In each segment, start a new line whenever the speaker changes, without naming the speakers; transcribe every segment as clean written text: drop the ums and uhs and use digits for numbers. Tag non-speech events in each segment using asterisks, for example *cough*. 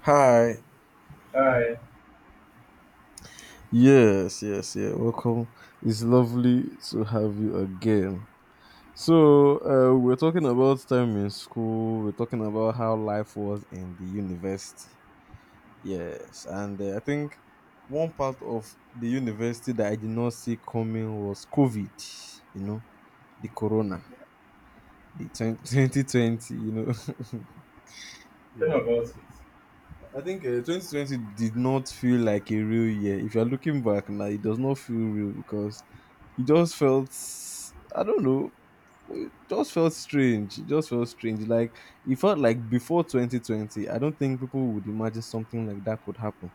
Hi.
Hi,
Yes, yes, yeah. Welcome. It's lovely to have you again. So, we're talking about time in school. We're talking about how life was in the university. Yes, and I think one part of the university that I did not see coming was COVID. You know, the corona, the 2020. You know, *laughs*
tell me
yeah.
about it.
I think 2020 did not feel like a real year. If you're looking back now, it does not feel real because it just felt, I don't know, it just felt strange, it just felt strange, like it felt like before 2020, I don't think people would imagine something like that could happen.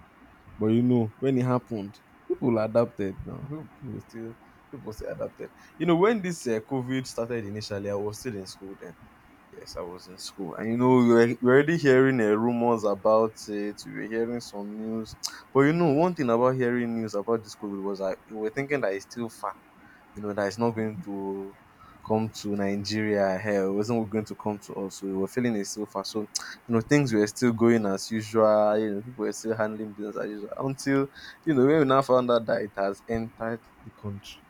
But you know, when it happened, people adapted. Now people were still, people still adapted. You know, when this covid started initially, I was still in school then. Yes, I was in school, and you know, we were already hearing rumors about it, we were hearing some news. But you know, one thing about hearing news about this covid was that we were thinking that it's still far, you know, that it's not going to come to Nigeria here. It wasn't going to come to us. So we were feeling it so far. So, you know, things were still going as usual. You know, people were still handling business as usual until, you know, when we now found out that it has entered the country.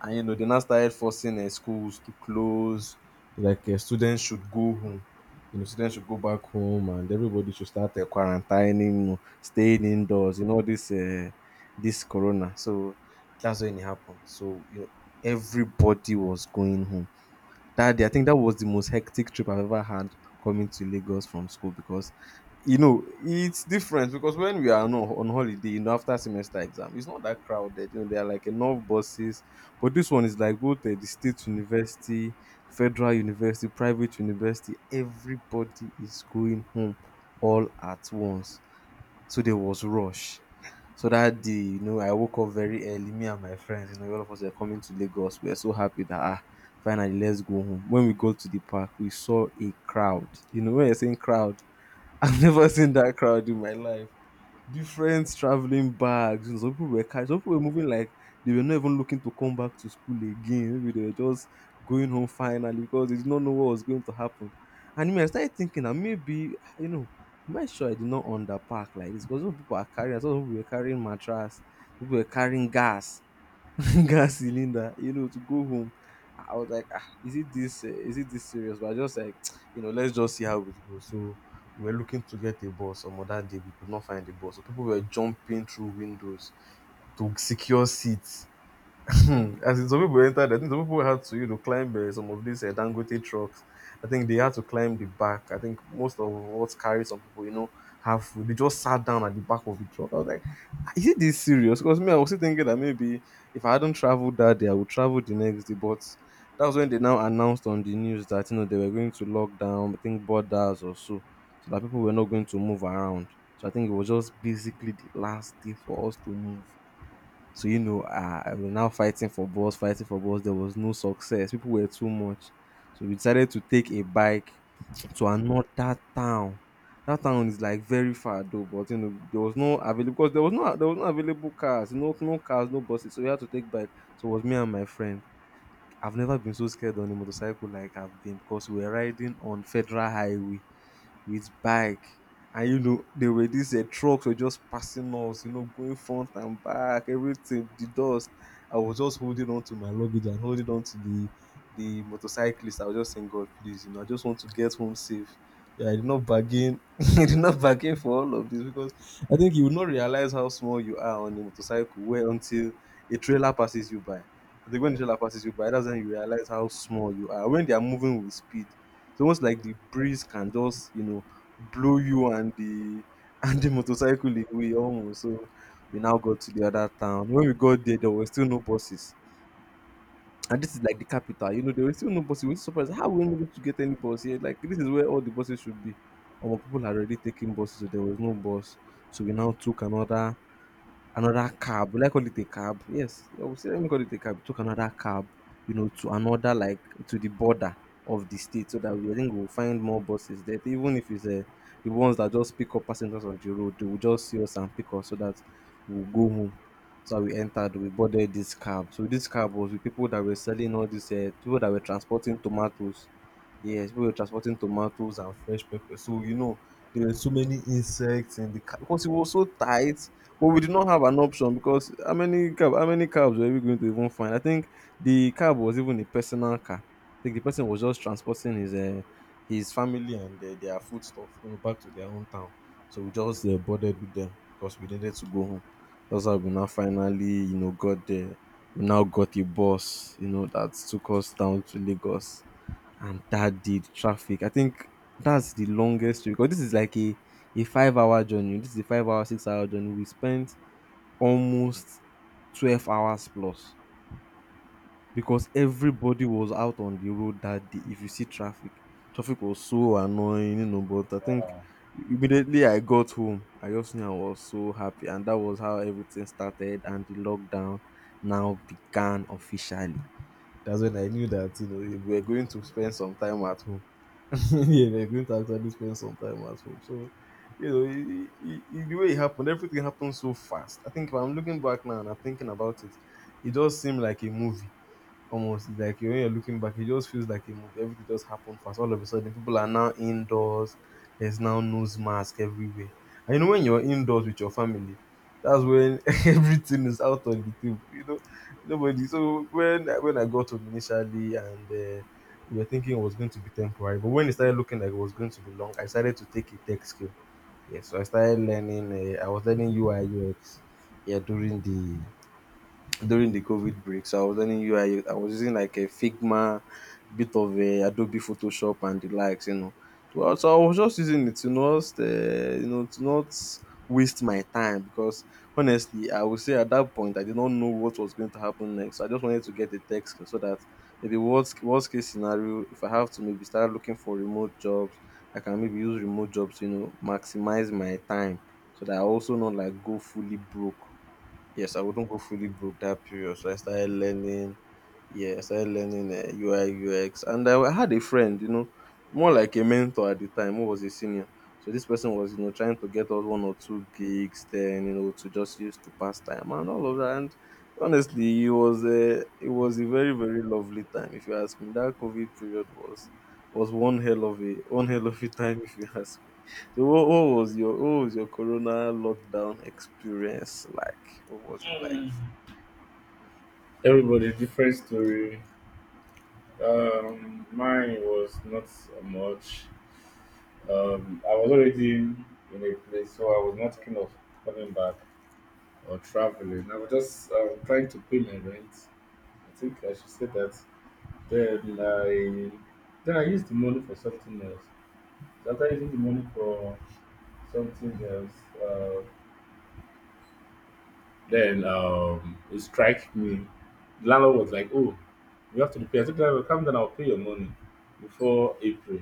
And you know, they now started forcing schools to close. Like students should go home. You know, students should go back home, and everybody should start quarantining, you know, staying indoors. You know this this corona. So that's when it happened. So you know, everybody was going home. That day, I think that was the most hectic trip I've ever had coming to Lagos from school, because you know, it's different because when we are on holiday, you know, after semester exam, it's not that crowded. You know, there are like enough buses, but this one is like both the state university, federal university, private university. Everybody is going home all at once, so there was rush. So dat day, you know, I woke up very early, me and my friends, you know, all of us were coming to Lagos. We were so happy that, ah, finally, let's go home. When we got to the park, we saw a crowd. You know, when you're saying crowd, *laughs* I've never seen that crowd in my life. Different traveling bags. You know, some people were carrying, some people were moving like they were not even looking to come back to school again. Maybe they were just going home finally because they did not know what was going to happen. And me, I started thinking that maybe, you know, am I sure I did not underpack like this? Because some people are carrying, some people were carrying mattress, people were carrying gas. *laughs* Gas cylinder, you know, to go home. I was like, ah, is it this? Is it this serious? But I just like, *tsk* you know, let's just see how it goes. So we were looking to get a bus on that day. We could not find a bus, so people were jumping through windows to secure seats. *laughs* Hmm, as in, some people entered, I think some people had to, you know, climb some of these Dangote trucks. I think they had to climb the back. I think most of what carried some people, you know, have they just sat down at the back of the truck. I was like, "Ah, is it this serious?" Because me, I was still thinking that maybe if I hadn't traveled that day, I would travel the next day. But that was when they now announced on the news that, you know, they were going to lock down, I think, borders or so, so that people were not going to move around. So I think it was just basically the last day for us to move. So, you know, ah, we were now fighting for bus, fighting for bus. There was no success. People were too much. So we decided to take a bike to another town. That town is like very far though, but you know, there was no available, because there was no available cars, no cars, no buses. So we had to take bike. So it was me and my friend. I've never been so scared on a motorcycle like I've been, because we were riding on Federal Highway with bike. And you know, there were these trucks were just passing us, you know, going front and back, everything, the dust. I was just holding on to my luggage and holding on to the motorcyclist. I was just saying, God, please, you know, I just want to get home safe. Yeah, I did not bargain. *laughs* I did not bargain for all of this, because I think you will not realize how small you are on a motorcycle where until a trailer passes you by. I think when the trailer passes you by, that's when you realize how small you are. When they are moving with speed, it's almost like the breeze can just, you know, blow you and the *laughs* and the motorcycle away almost. So we now got to the other town. When we got there, there were still no buses. And this is like the capital, you know, there were still no buses. We were surprised how we were able to get any bus here. Like this is where all the buses should be. Our people had already taken buses, so there was no bus. So we now took another cab. Will I call it a cab? Yes, I would say, let me call it a cab. Took another cab, you know, to another, like to the border of the state, so that we, I think we'll find more buses there. Even if it's the ones that just pick up passengers on the road, they will just see us and pick us, so that we'll go home. So we entered, we boarded this cab. So this cab was with people that were selling all these people that were transporting tomatoes. Yes, we were transporting tomatoes and fresh pepper. So, you know, there were so many insects in the car because it was so tight. But we did not have an option, because how many cabs were we going to even find? I think the cab was even a personal car. I think the person was just transporting his family and their foodstuff, you know, back to their own town. So we just boarded with them because we needed to go home. That's how we now finally, you know, got there. We now got a bus, you know, that took us down to Lagos, and that did traffic. I think that's the longest trip, because this is like a 5 hour journey, this is a 5 hour, 6 hour journey. We spent almost 12 hours plus, because everybody was out on the road that day. If you see traffic, traffic was so annoying, you know, but I think
Wow.
immediately I got home, I just knew, I was so happy, and that was how everything started, and the lockdown now began officially. That's when I knew that, you know, we were going to spend some time at home. *laughs* Yeah, they're going to actually spend some time at home. So, you know, the way it happened, everything happened so fast. I think if I'm looking back now and I'm thinking about it, it does seem like a movie almost. It's like when you're looking back, it just feels like a movie. Everything just happened fast. All of a sudden, people are now indoors. There's now nose mask everywhere. And you know, when you're indoors with your family, that's when *laughs* everything is out on the table. You know, nobody. So when I got home initially and we were thinking it was going to be temporary, but when it started looking like it was going to be long, I decided to take a tech skill. Yeah, so I started learning. I was learning UI UX. Yeah, during the COVID break. So I was learning UI. I was using like a Figma, bit of a Adobe Photoshop and the likes, you know. So I was just using it to not, you know, to not waste my time, because honestly, I would say at that point I did not know what was going to happen next. I just wanted to get a text so that maybe worst case scenario, if I have to maybe start looking for remote jobs, I can maybe use remote jobs, you know, maximize my time so that I also not like go fully broke. Yes, I wouldn't go fully broke that period. So I started learning, yeah, I started learning UI, UX. And I had a friend, you know, more like a mentor at the time, who was a senior. So this person was, you know, trying to get us one or two gigs then, you know, to just use to pass time and all of that. And honestly, it was a very, very lovely time. If you ask me, that COVID period was one hell of a time if you *laughs* ask me. So what was your corona lockdown experience like? What was it like?
Mm. Everybody different story. Mine was not so much. I was already in a place, so I was not thinking of coming back or traveling. I was just trying to pay my rent. I think I should say that. Then I then I used the money for something else. So after using the money for something else, um, then, it strike me. The landlord was like, "Oh, you have to pay." I said, "Landlord, calm down. I'll pay your money before April.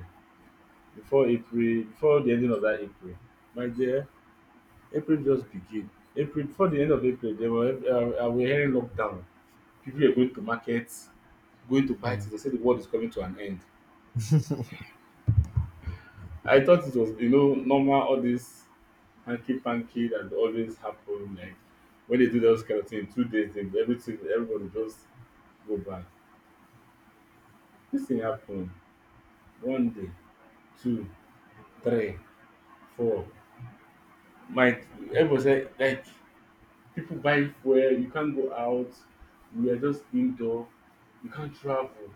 Before April. Before the ending of that April, my dear. April just begin. April before the end of April, they were we hearing lockdown. People were going to markets, going to buy things. They said the world is coming to an end. I thought it was, you know, normal. All this hanky panky that always happen. Like when they do those kind of thing, 2 days, they, everything, everybody just go back. Dis thing happen one day, 2, 3, 4 my, everybody say like people buying fuel, you can't go out. We are just indoor. You can't travel,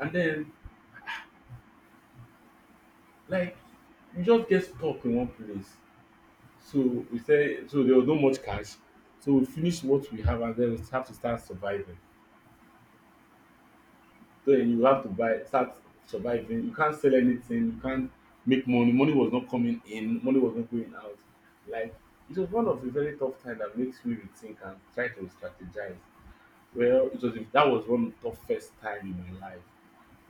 and then, like, you just get stuck in one place. So we say so there was no much cash, so we finish what we have, and then we have to start surviving. So you have to buy, start surviving. You can't sell anything. You can't make money. Money was not coming in. Money was not going out. Like, it was one of the very tough time that makes me rethink and try to strategize. Well, it was, that was one tough first time in my life.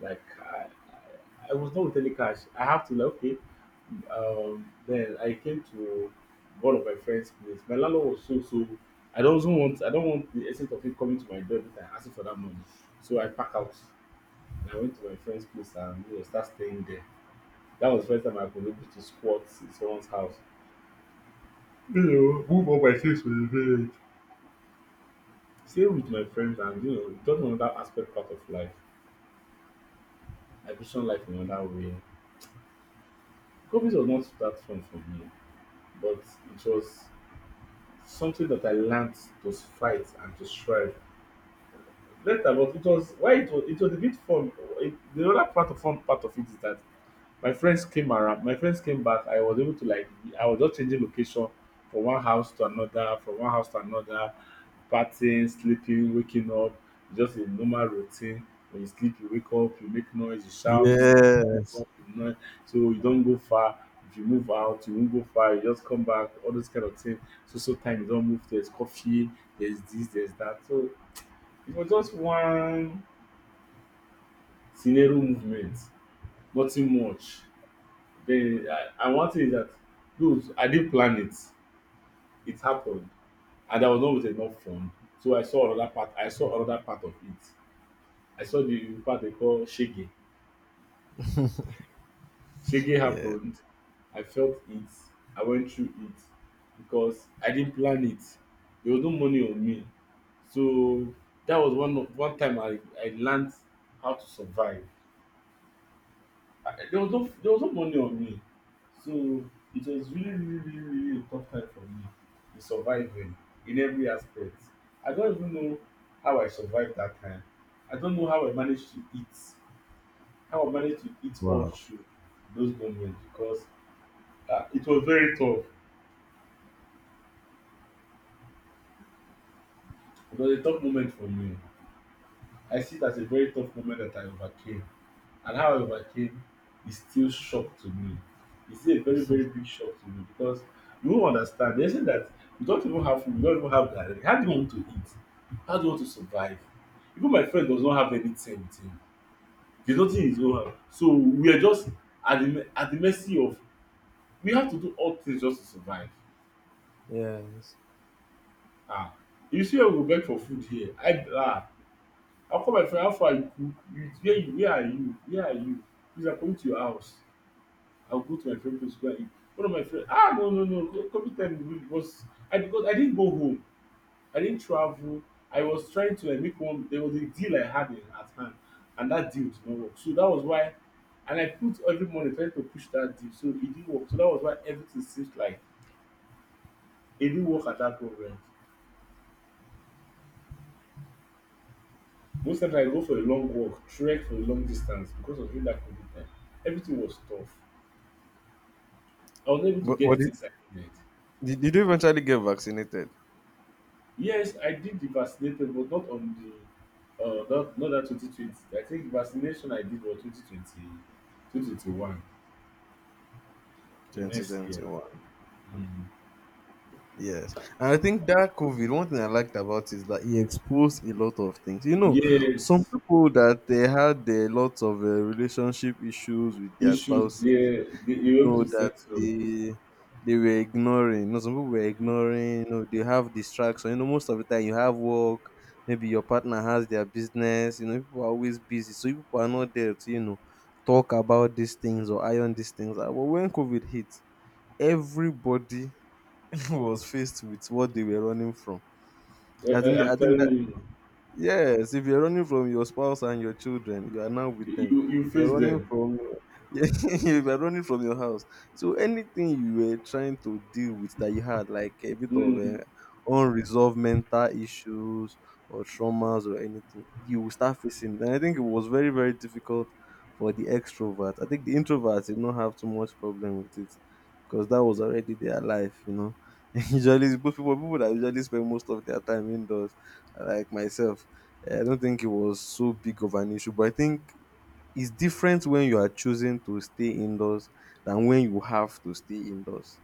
Like I was not with any cash. I have to, like, okay. Then I came to one of my friends' place. My landlord was so so. I don't want. I don't want the essence of him coming to my door every time asking for that money. So I pack out, and I went to my friend's place, and you know, start staying there. That was the first time I could able to squat in someone's house. You know, move up my things to the village. Stay with my friends, and you know, just another aspect part of life. I vision life in another way. COVID was not that fun for me, but it was something that I learned to fight and to strive. Later, but it was, why it was a bit fun. It, the other part of fun part of it is that my friends came around. My friends came back. I was able to, like, I was just changing location from one house to another, from one house to another, partying, sleeping, waking up, just a normal routine. When you sleep, you wake up, you make noise, you shout, you sleep, you wake
Yes.
up, you noise. So you don't go far. If you move out, you won't go far, you just come back, all those kind of things. so time you don't move, there's coffee, there's this, there's that. So it was just one scenario movement, nothing much. The I, and one thing is that those I didn't plan it. It happened, and I was not with enough fund. So I saw another part. I saw another part of it. I saw the part they call shege. Shege
Yes.
happened. I felt it. I went through it because I didn't plan it. There was no money on me, so that was one of- one time I learned how to survive. There was no money on me, so it was really, really, really, really a tough time for me in surviving, in every aspect. I don't even know how I survived that time. I don't know how I managed to eat, how I managed to eat all through those moments because it was very tough. It was a tough moment for me. I see it as a very tough moment that I overcame, and how I overcame is still shock to me. It's still a very, very big shock to me because you won't understand. They say that you don't even have food, you don't even have direct. How do you want to eat? How do you want to survive? Even my friend does not have anything with him. There's nothing he don't have. So we are just at the mercy of, we have to do all things just to survive.
Yes.
Ah. You see, where we go beg for food here. I call my friend, how far you cook? You, where you, where are you? Where are you? Please, I'm coming to your house. I'll go to my friend place, go and eat. One of my friends. Ah no no no co- COVID time really was, I, because I didn't go home. I didn't travel. I was trying to, like, make one, there was a deal I had in at hand, and that deal did not work. So that was why, and I put every money trying to push that deal. So it didn't work. So that was why everything seems like it didn't work at that moment. Most times I go for a long walk, trek for a long distance because of during that COVID time. Everything was tough. I was not able to
But
get
what
the
did,
things I needed.
did you eventually get vaccinated?
Yes, I did the vaccinated, but not on the not that 2020. I think the vaccination I did was 2021, the next year.
2021.
Mm.
Yes. And I think that COVID, one thing I liked about it is that it exposed a lot of things. You know, some
Yes,
people that they had a lot of relationship issues with their
issues,
spouses
yeah, they, you're able
know
to
that
settle.
they were ignoring. You know, some people were ignoring. You know, they have distraction. You know, most of the time you have work. Maybe your partner has their business. You know, people are always busy, so people are not there to, you know, talk about these things or iron these things out. But when COVID hit, everybody *laughs* was faced with what they were running from.
I'm
I think
telling
that
you,
yes, if you're running from your spouse and your children, you are now with them.
you
If you're
face
running
them.
from *laughs* yeah, if you're running from your house, so anything you were trying to deal with that you had, like a bit of
Mm.
unresolved mental issues or traumas or anything, you will start facing. And I think it was very, very difficult for the extrovert. I think the introverts did not have too much problem with it because that was already their life, you know. *laughs* Usually, people that usually spend most of their time indoors like myself, I don't think it was so big of an issue, but I think it's different when you are choosing to stay indoors than when you have to stay indoors.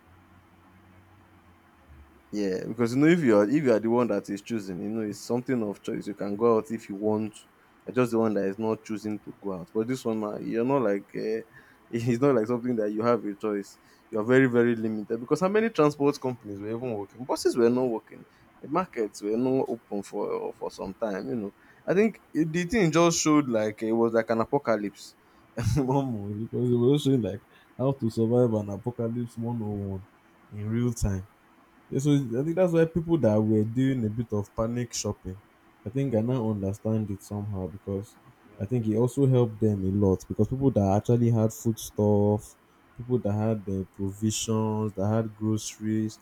Yeah, because you know if you're if you are the one that is choosing, you know it's something of choice. You can go out if you want. You're just the one that is not choosing to go out. But this one, now, you're not like *laughs* it's not like something that you have a choice. You're very, very limited because how many transport companies were even working? Buses were not working. The markets were not open for some time. You know, I think the thing just showed like it was like an apocalypse. *laughs* Almost, because it was showing like how to survive an apocalypse 101 in real time. Yeah, so I think that's why people that were doing a bit of panic shopping, I think I now understand it somehow because I think it also helped them a lot because people that actually had foodstuff, people that had their provisions, that had groceries,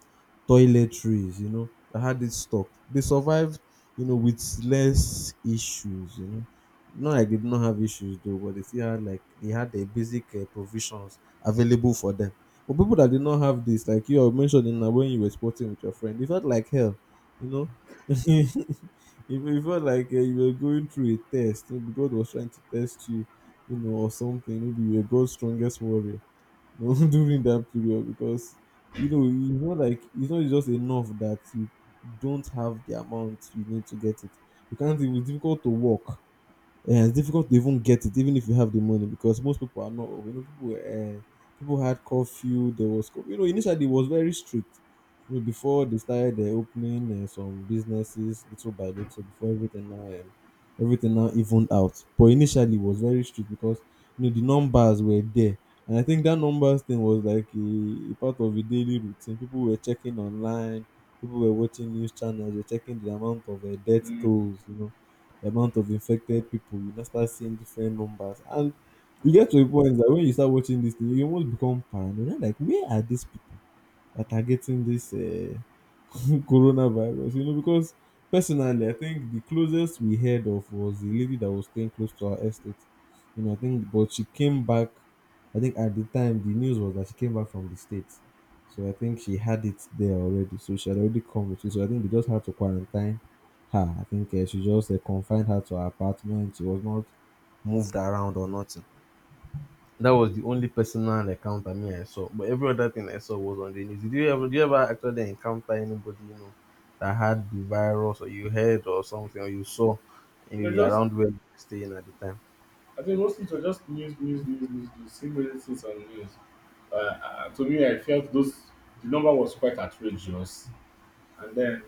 toiletries, you know, that had it stocked, they survived, you know, with less issues, you know. Not like they did not have issues though, but they still had like they had their basic provisions available for them. But people that did not have this, like you are mentioning now when you were sporting with your friend, it felt like hell, you know. *laughs* it, it felt like you were going through a test. Maybe God was trying to test you, you know, or something. Maybe you were God's strongest warrior, you know, *laughs* during that period because you know it's not just enough that you don't have the amount you need to get it. You can't. It was difficult to walk, yeah, it's difficult to even get it, even if you have the money, because most people are not. You know, people people had curfew. There was, you know, initially it was very strict. You know, before they started opening some businesses little by little, before everything now evened out. But initially it was very strict because you know the numbers were there, and I think that numbers thing was like a part of a daily routine. People were checking online, people were watching news channels, they're checking the amount of death
Mm.
tolls. You know the amount of infected people, you now start seeing different numbers. And you get to a point that when you start watching this thing, you almost become paranoid. You're like, where are these people that are getting this *laughs* coronavirus, you know, because personally, I think the closest we heard of was the lady that was staying close to our estate. You know, I think, but she came back. I think at the time the news was that she came back from the states, so I think she had it there already. So she had already come with it. So I think they just had to quarantine her. I think she just confined her to her apartment. She was not moved around or nothing. That was the only personal encounter me I saw. But every other thing I saw was on the news. Did you ever actually encounter anybody you know that had the virus, or you heard or something, or you saw
They're
maybe
just,
around where you were staying at the time?
I think mostly it was just news, news, news, news, news, seeing many things on news. To me, I felt those, the number was quite outrageous. And then,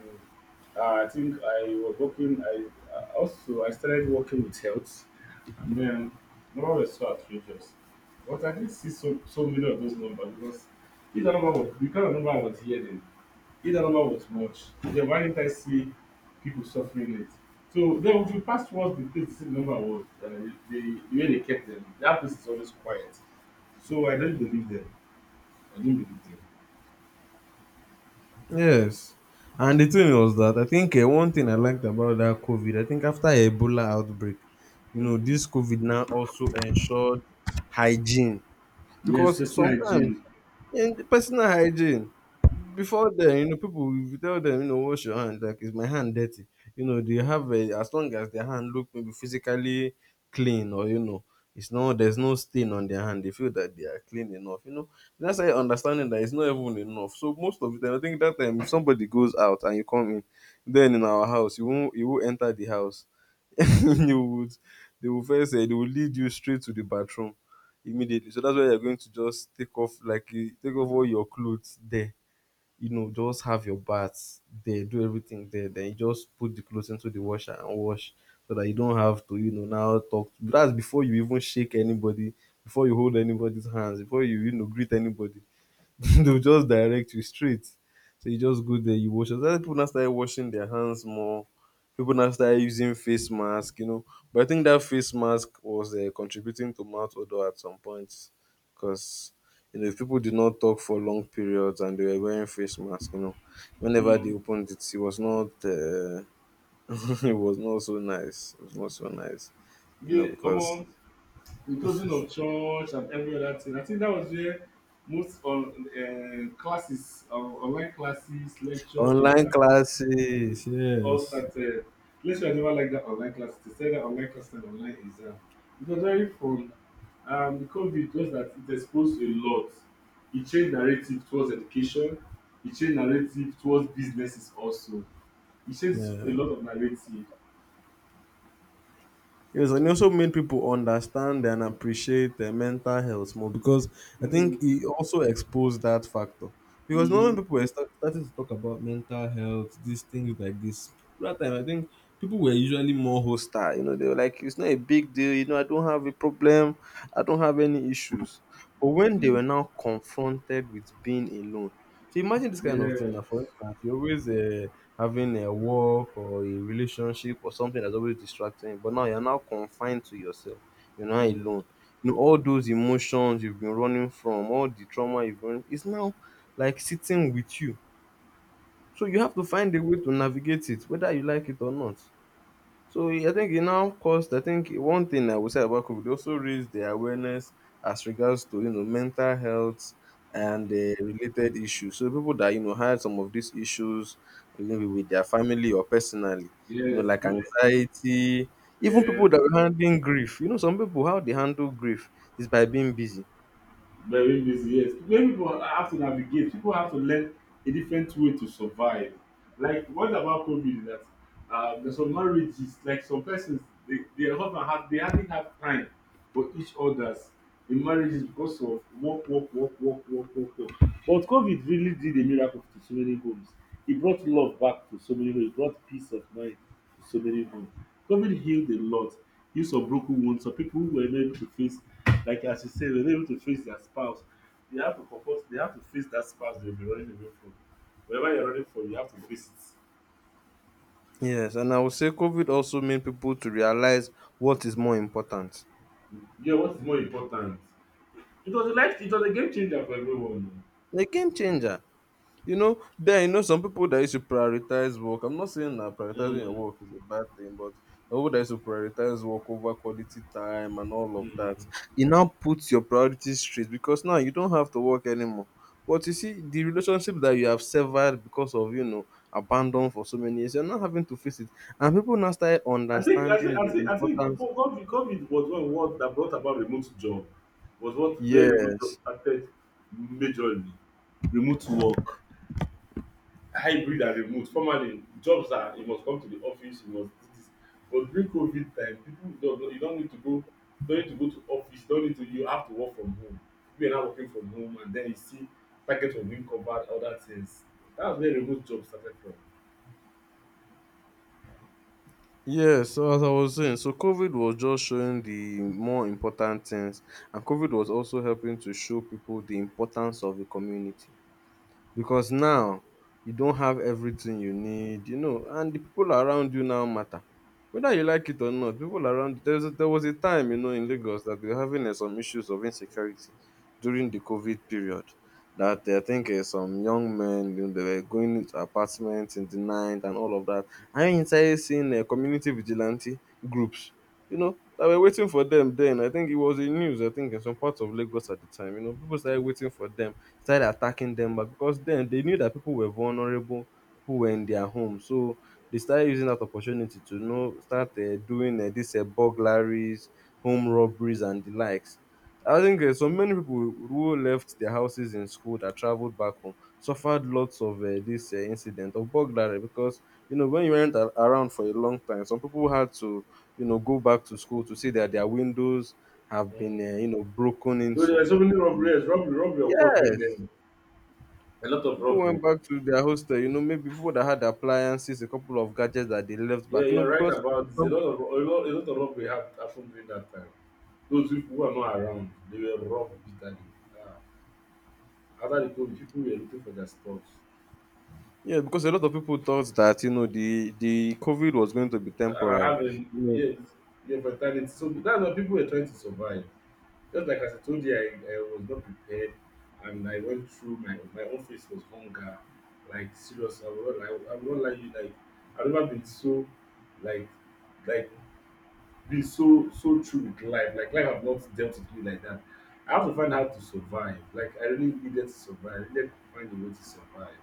I think I was working. I also I started working with health, and then numbers were so outrageous. But I did see so so many of those numbers because either number was, because the number I was hearing, either number was much. Then why didn't I see people suffering it? So then, if you pass towards the place, the number was, the way they kept them, that place is always quiet. So I don't believe them. I do not believe them.
Yes. And the thing was that I think one thing I liked about that COVID, I think after Ebola outbreak, you know,
Mm.
this COVID now also ensured hygiene.
Yes,
Because
personal
sometimes
hygiene.
in personal hygiene before then, you know, people, if you tell them, you know, wash your hand, like, is my hand dirty? You know, they have a, as long as their hand look maybe physically clean, or, you know, it's not, there's no stain on their hand, they feel that they are clean enough, you know. That's how, understanding that it's not even enough. So most of the time, I think that time, if somebody goes out and you come in then in our house, you won't you will enter the house, *laughs* they would they will first say they will lead you straight to the bathroom immediately. So that's where you're going to just take off, like, eh, take off all your clothes there. You know, just have your bath there, do everything there. Then you just put the clothes into the washer and wash so that you don't have to, you know, now talk. That's before you even shake anybody, before you hold anybody's hands, before you, you know, greet anybody. *laughs* They'll just direct you straight. So you just go there, you wash. Other people now started washing their hands more. People now started using face mask, you know. But I think that face mask was contributing to mouth odor at some point, because you know if people did not talk for long periods and they were wearing face mask, you know, whenever
Mm.
they opened it, it was not, *laughs* it was not so nice. It was not so nice, you know,
Yeah,
because
omo, the closing of church and every other thing. I think that was where most on classes, online classes, lecture,
online
exam,
classes,
all
yes,
started. Lecture, I never like that online class. They said that online class and online exam. It was very fun. The COVID just that it exposed a lot. It changed narrative towards education. It changed narrative towards businesses also. It changed a
yeah.
lot of narrative.
Yes, and it also made people understand and appreciate their mental health more because I think
Mm,
it also exposed that factor. Because now when
mm,
people were starting to talk about mental health, these things like this, that time I think people were usually more hostile. You know, they were like, it's not a big deal. You know, I don't have a problem. I don't have any issues. But when they
mm,
were now confronted with being alone, so imagine this kind of thing. Now, for
yes.
instance, you're always having a work or a relationship or something that's always distracting, you, but now you're now confined to yourself. You're now
Mm,
alone. You know all those emotions you've been running from, all the trauma you've been, it's now like sitting with you. So you have to find a way to navigate it, whether you like it or not. So I think it now caused, I think one thing I would say about COVID, it also raised the awareness as regards to you know mental health
mm,
and related issues. So people that you know had some of these issues maybe with their family or personally, you know,
yes.
like anxiety, even people
Yes,
that were handling grief. You know, some people how they handle grief is by being busy.
very busy. Yes, many people have to navigate. People have to learn a different way to survive. Like, what about COVID is that, there's some marriages, like some persons, they, their husband had, they hardly have time for each other's in marriages because of work, work, work, work, work, work, work. But COVID really did a miracle to so many homes. He brought love back to so many homes. He brought peace of mind to so many homes. COVID healed a lot. Healed some broken wounds. Some people who were not able to face, like as you said, were not able to face their spouse. They have to confront. They have to face that spouse they've been running away from. Whatever you're running from, you have to face it.
Yes, and I would say COVID also made people to realize what is more important.
Yeah, what is more important? It was a life. It was a game changer for everyone.
A game changer. You know, then you know some people that used to prioritize work. I'm not saying that prioritizing your
Mm,
work is a bad thing, but the people that used to prioritize work over quality time and all of that,
mm.
it now puts your priorities straight because now you don't have to work anymore. But you see, the relationship that you have severed because of abandon for so many years, you're not having to face it, and people now start
I think I think
understanding
I
the
think I think co-
importance.
COVID, COVID was one word that brought about remote job, was what where remote job
Yes,
started majorly. Remote work, hybrid and remote. Formerly, jobs are, you must come to the office, you must do this. But during COVID time, people don't know- you don't need to go, don't need to go to office, don't need to, you have to work from home. We are now working from home, and then you see packets of being covered, other things. That's where remote job started from.
Yes, so as I was saying, so COVID was just showing the more important things, and COVID was also helping to show people the importance of a community. Because now you don have everything you need, and the people around you now matter. Whether you like it or not, people around there was a time, in Lagos that they were having some issues of insecurity during the COVID period. That I think some young men they were going into apartments in the night and all of that. I inside seeing community vigilante groups that were waiting for them then. I think it was in news, I think, in some parts of Lagos at the time. You know, people started waiting for them, started attacking them. But because then they knew that people were vulnerable, people were in their home. So they started using that opportunity to start doing these burglaries, home robberies, and the likes. I think so many people who left their houses in school that traveled back home suffered lots of this incident of burglary because you know when you weren't around for a long time, some people had to, you know, go back to school to see that their windows have been, you know,
Mm.
broken
There
into.
were so many robberies, robbery, robbery occurred during
Yes,
then. A lot of
people
robbery.
went back to their hostel. You know, maybe people that had appliances, a couple of gadgets that they left
Yeah,
back. You know,
you're right
because
about a
some,
lot of, a lot of robbery happened during that time. Those people who are not around, they were robbed bitterly. Uh, after the COVID, people were looking for their stuffs.
yeah, because a lot of people thought that you know the COVID was going to be
And I
temporary.
haven't, yes, yeah, for, so that's what people were trying to survive. Just like as I told you, I was not prepared, and I went through my office was hunger, like serious. I will not, I will not lie you, like I've never been so, like, like be so so true with life. Like, life have not dealt with me like that. I have to find how to survive. Like, I really needed to survive. I needed to find a way to survive.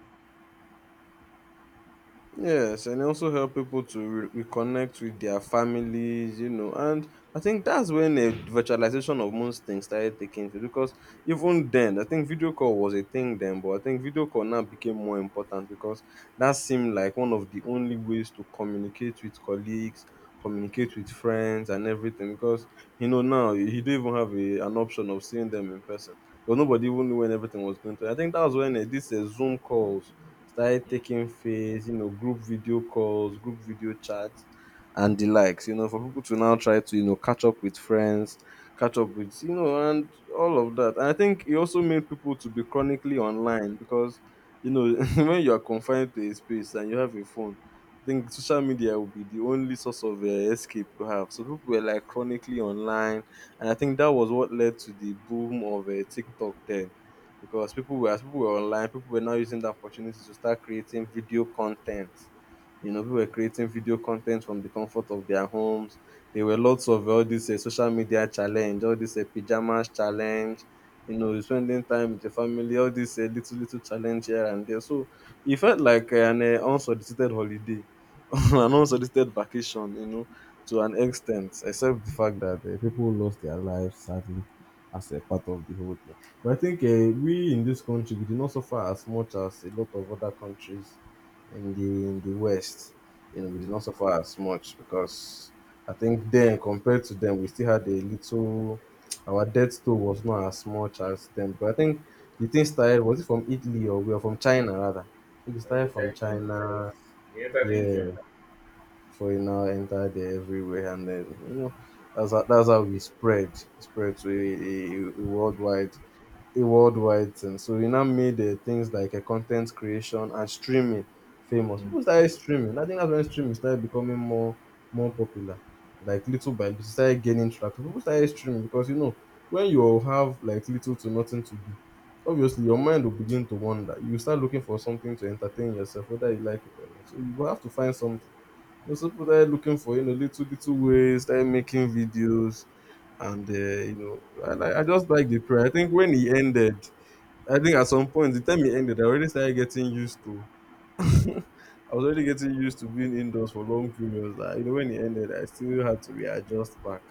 Yes, and also help people to reconnect with their families, you know. And I think that's when the virtualization of most things started taking place because even then, I think video call was a thing then, but I think video call now became more important because that seemed like one of the only ways to communicate with colleagues, communicate with friends, and everything. Because you know now you don't even have a, an option of seeing them in person. But nobody even knew when everything was going to. I think that was when this Zoom calls started
Mm.
taking face, you know, group video calls, group video chats, and the likes, you know, for people to now try to, you know, catch up with friends, catch up with, you know, and all of that. And I think it also made people to be chronically online because, you know, *laughs* when you are confined to a space and you have a phone, I think social media will be the only source of escape you have. So people were like chronically online, and I think that was what led to the boom of TikTok then because people were as people were online, people were now using the opportunity to start creating video content. You know, people were creating video content from the comfort of their homes. There were lots of all this social media challenge, all this pajamas challenge. You know, spending time with your family, all this little little challenge here and there. So it felt like an unsolicited holiday, *laughs* an unsolicited vacation. You know, to an extent, except the fact that people lost their lives sadly as a part of the whole thing. But I think we in this country we did not suffer as much as a lot of other countries in the West. You know, we did not suffer as much because I think then compared to them, we still had a little. Our death toll was not as much as them. But I think the thing started was it from Italy or we are from China rather. I think It
I
started from
entered Nigeria.
China.
You entered India.
Yeah, before it now entered everywhere, and then you know that's how we spread to a worldwide a worldwide thing. So he now made things like content creation and streaming famous.
Mm.
People started streaming. I think that's when streaming started becoming more more popular. Like little by little, it started gaining traction. People started streaming because you know when you have like little to nothing to do, obviously your mind will begin to wander. You start looking for something to entertain yourself, whether you like it or not. So you will have to find something know, so people started looking for you know little little ways, started making videos, and you know, I like I just like the prayer. I think when he ended, I think at some point the time he ended, I already started getting used to. *laughs* I was already getting used to being indoors for long periods. Like, you know, when he ended, I still had to readjust back.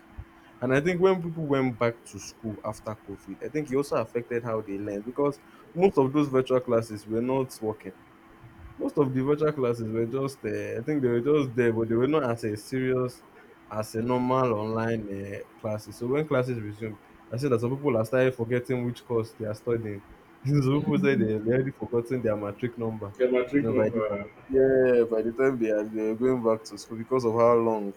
And I think when people went back to school after COVID, I think it also affected how they learned because most of those virtual classes were not working most of the virtual classes were just I think they were just there, but they were not as a serious as a normal online classes. So when classes resumed, I said that some people are started forgetting which course they are studying. *laughs* Some people said they already forgotten their matric number.
Get my trick
You know, by the
number.
yeah, by the time they are they were going back to school because of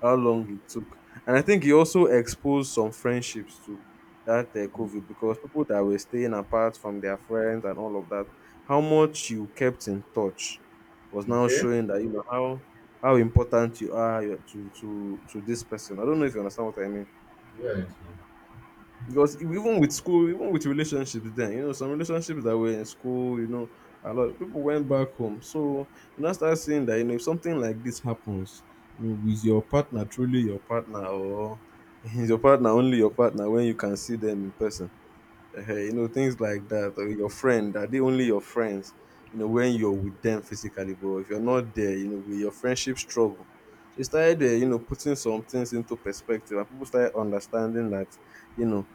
how long it took. And I think it also exposed some friendships to that COVID because people that were staying apart from their friends and all of that how much you kept in touch was now
Okay.
showing that you know how important you are your- to this person. I don't know if you understand what I mean.
Yeah.
Because even with school, even with relationships, then you know some relationships that were in school, you know, a lot of people went back home. So you now start seeing that you know if something like this happens, you know, with your partner, truly your partner, or *laughs* is your partner only your partner when you can see them in person, you know things like that, or your friend, are they only your friends you know when you're with them physically, but if you're not there you know will your friendship struggle? So it started, you know, putting some things into perspective, and people started understanding that you know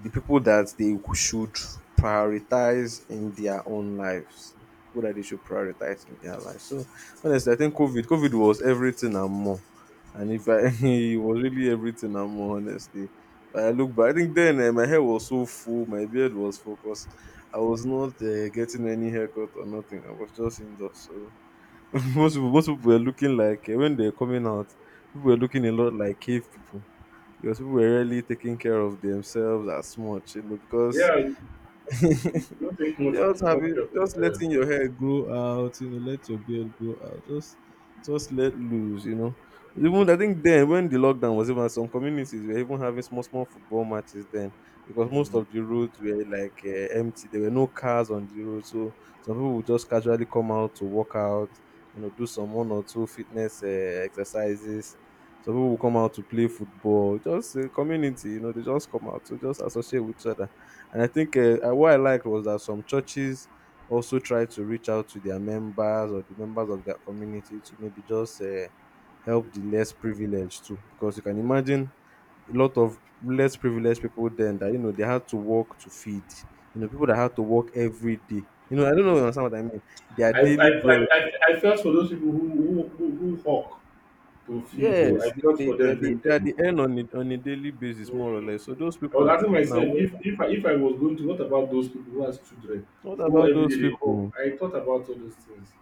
the people that they should prioritize in their own lives, people that they should prioritize in their lives. So honestly I think covid was everything and more, and if I *laughs* it was really everything and more, honestly. I look back. I think then eh, my hair was so full, my beard was focused. I was not getting any haircut or nothing. I was just indoors. So *laughs* most people were looking like eh, when they're coming out, people were looking a lot like cave people because people were really taking care of themselves as much, you know, because
Yeah. you-
*laughs*
you Don't think much
just having
much of
just
yourself.
letting your hair grow out you know let your beard grow out just let loose you know. Even I think then when the lockdown was, even some communities were even having small small football matches then because most
Mm.
of the roads were like empty, there were no cars on the road. So some people would just casually come out to work out, you know, do some one or two fitness exercises. Some people will come out to play football just a community, you know, they just come out to just associate with each other. And I think what I liked was that some churches also try to reach out to their members or the members of their community to maybe just help the less privileged too. Because you can imagine a lot of less privileged people then that, you know, they had to work to feed, you know, people that had to work every day. You know, I don't know
Yeah.
if you understand what I mean. Their
I, I,
daily bread.
I, I, I felt for those people who who hawk to feed though.
Yes,
I felt for them during
they are
them.
the end on a daily basis, more or
Mm.
less. So those
I was
people,
asking
now,
myself, if if I was going to, what about those people who has children,
what
who
about
every
those
day they hug?
people?
I thought about all those things.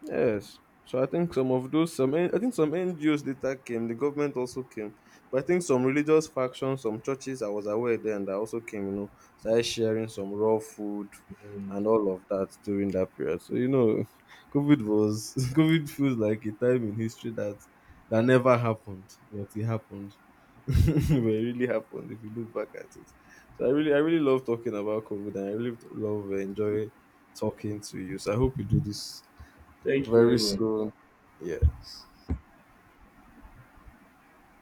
Yes. So I think some of those, I think some NGOs later came. The government also came, but I think some religious factions, some churches I was aware then that also came. You know, started sharing some raw food
Mm.
and all of that during that period. So you know, *laughs* COVID was *laughs* COVID feels like a time in history that that never happened, but it happened. *laughs* But it really happened if you look back at it. So I really love talking about COVID, and I really love enjoy talking to you. So I hope you do this
Thank you very
very
much.
soon. Yes.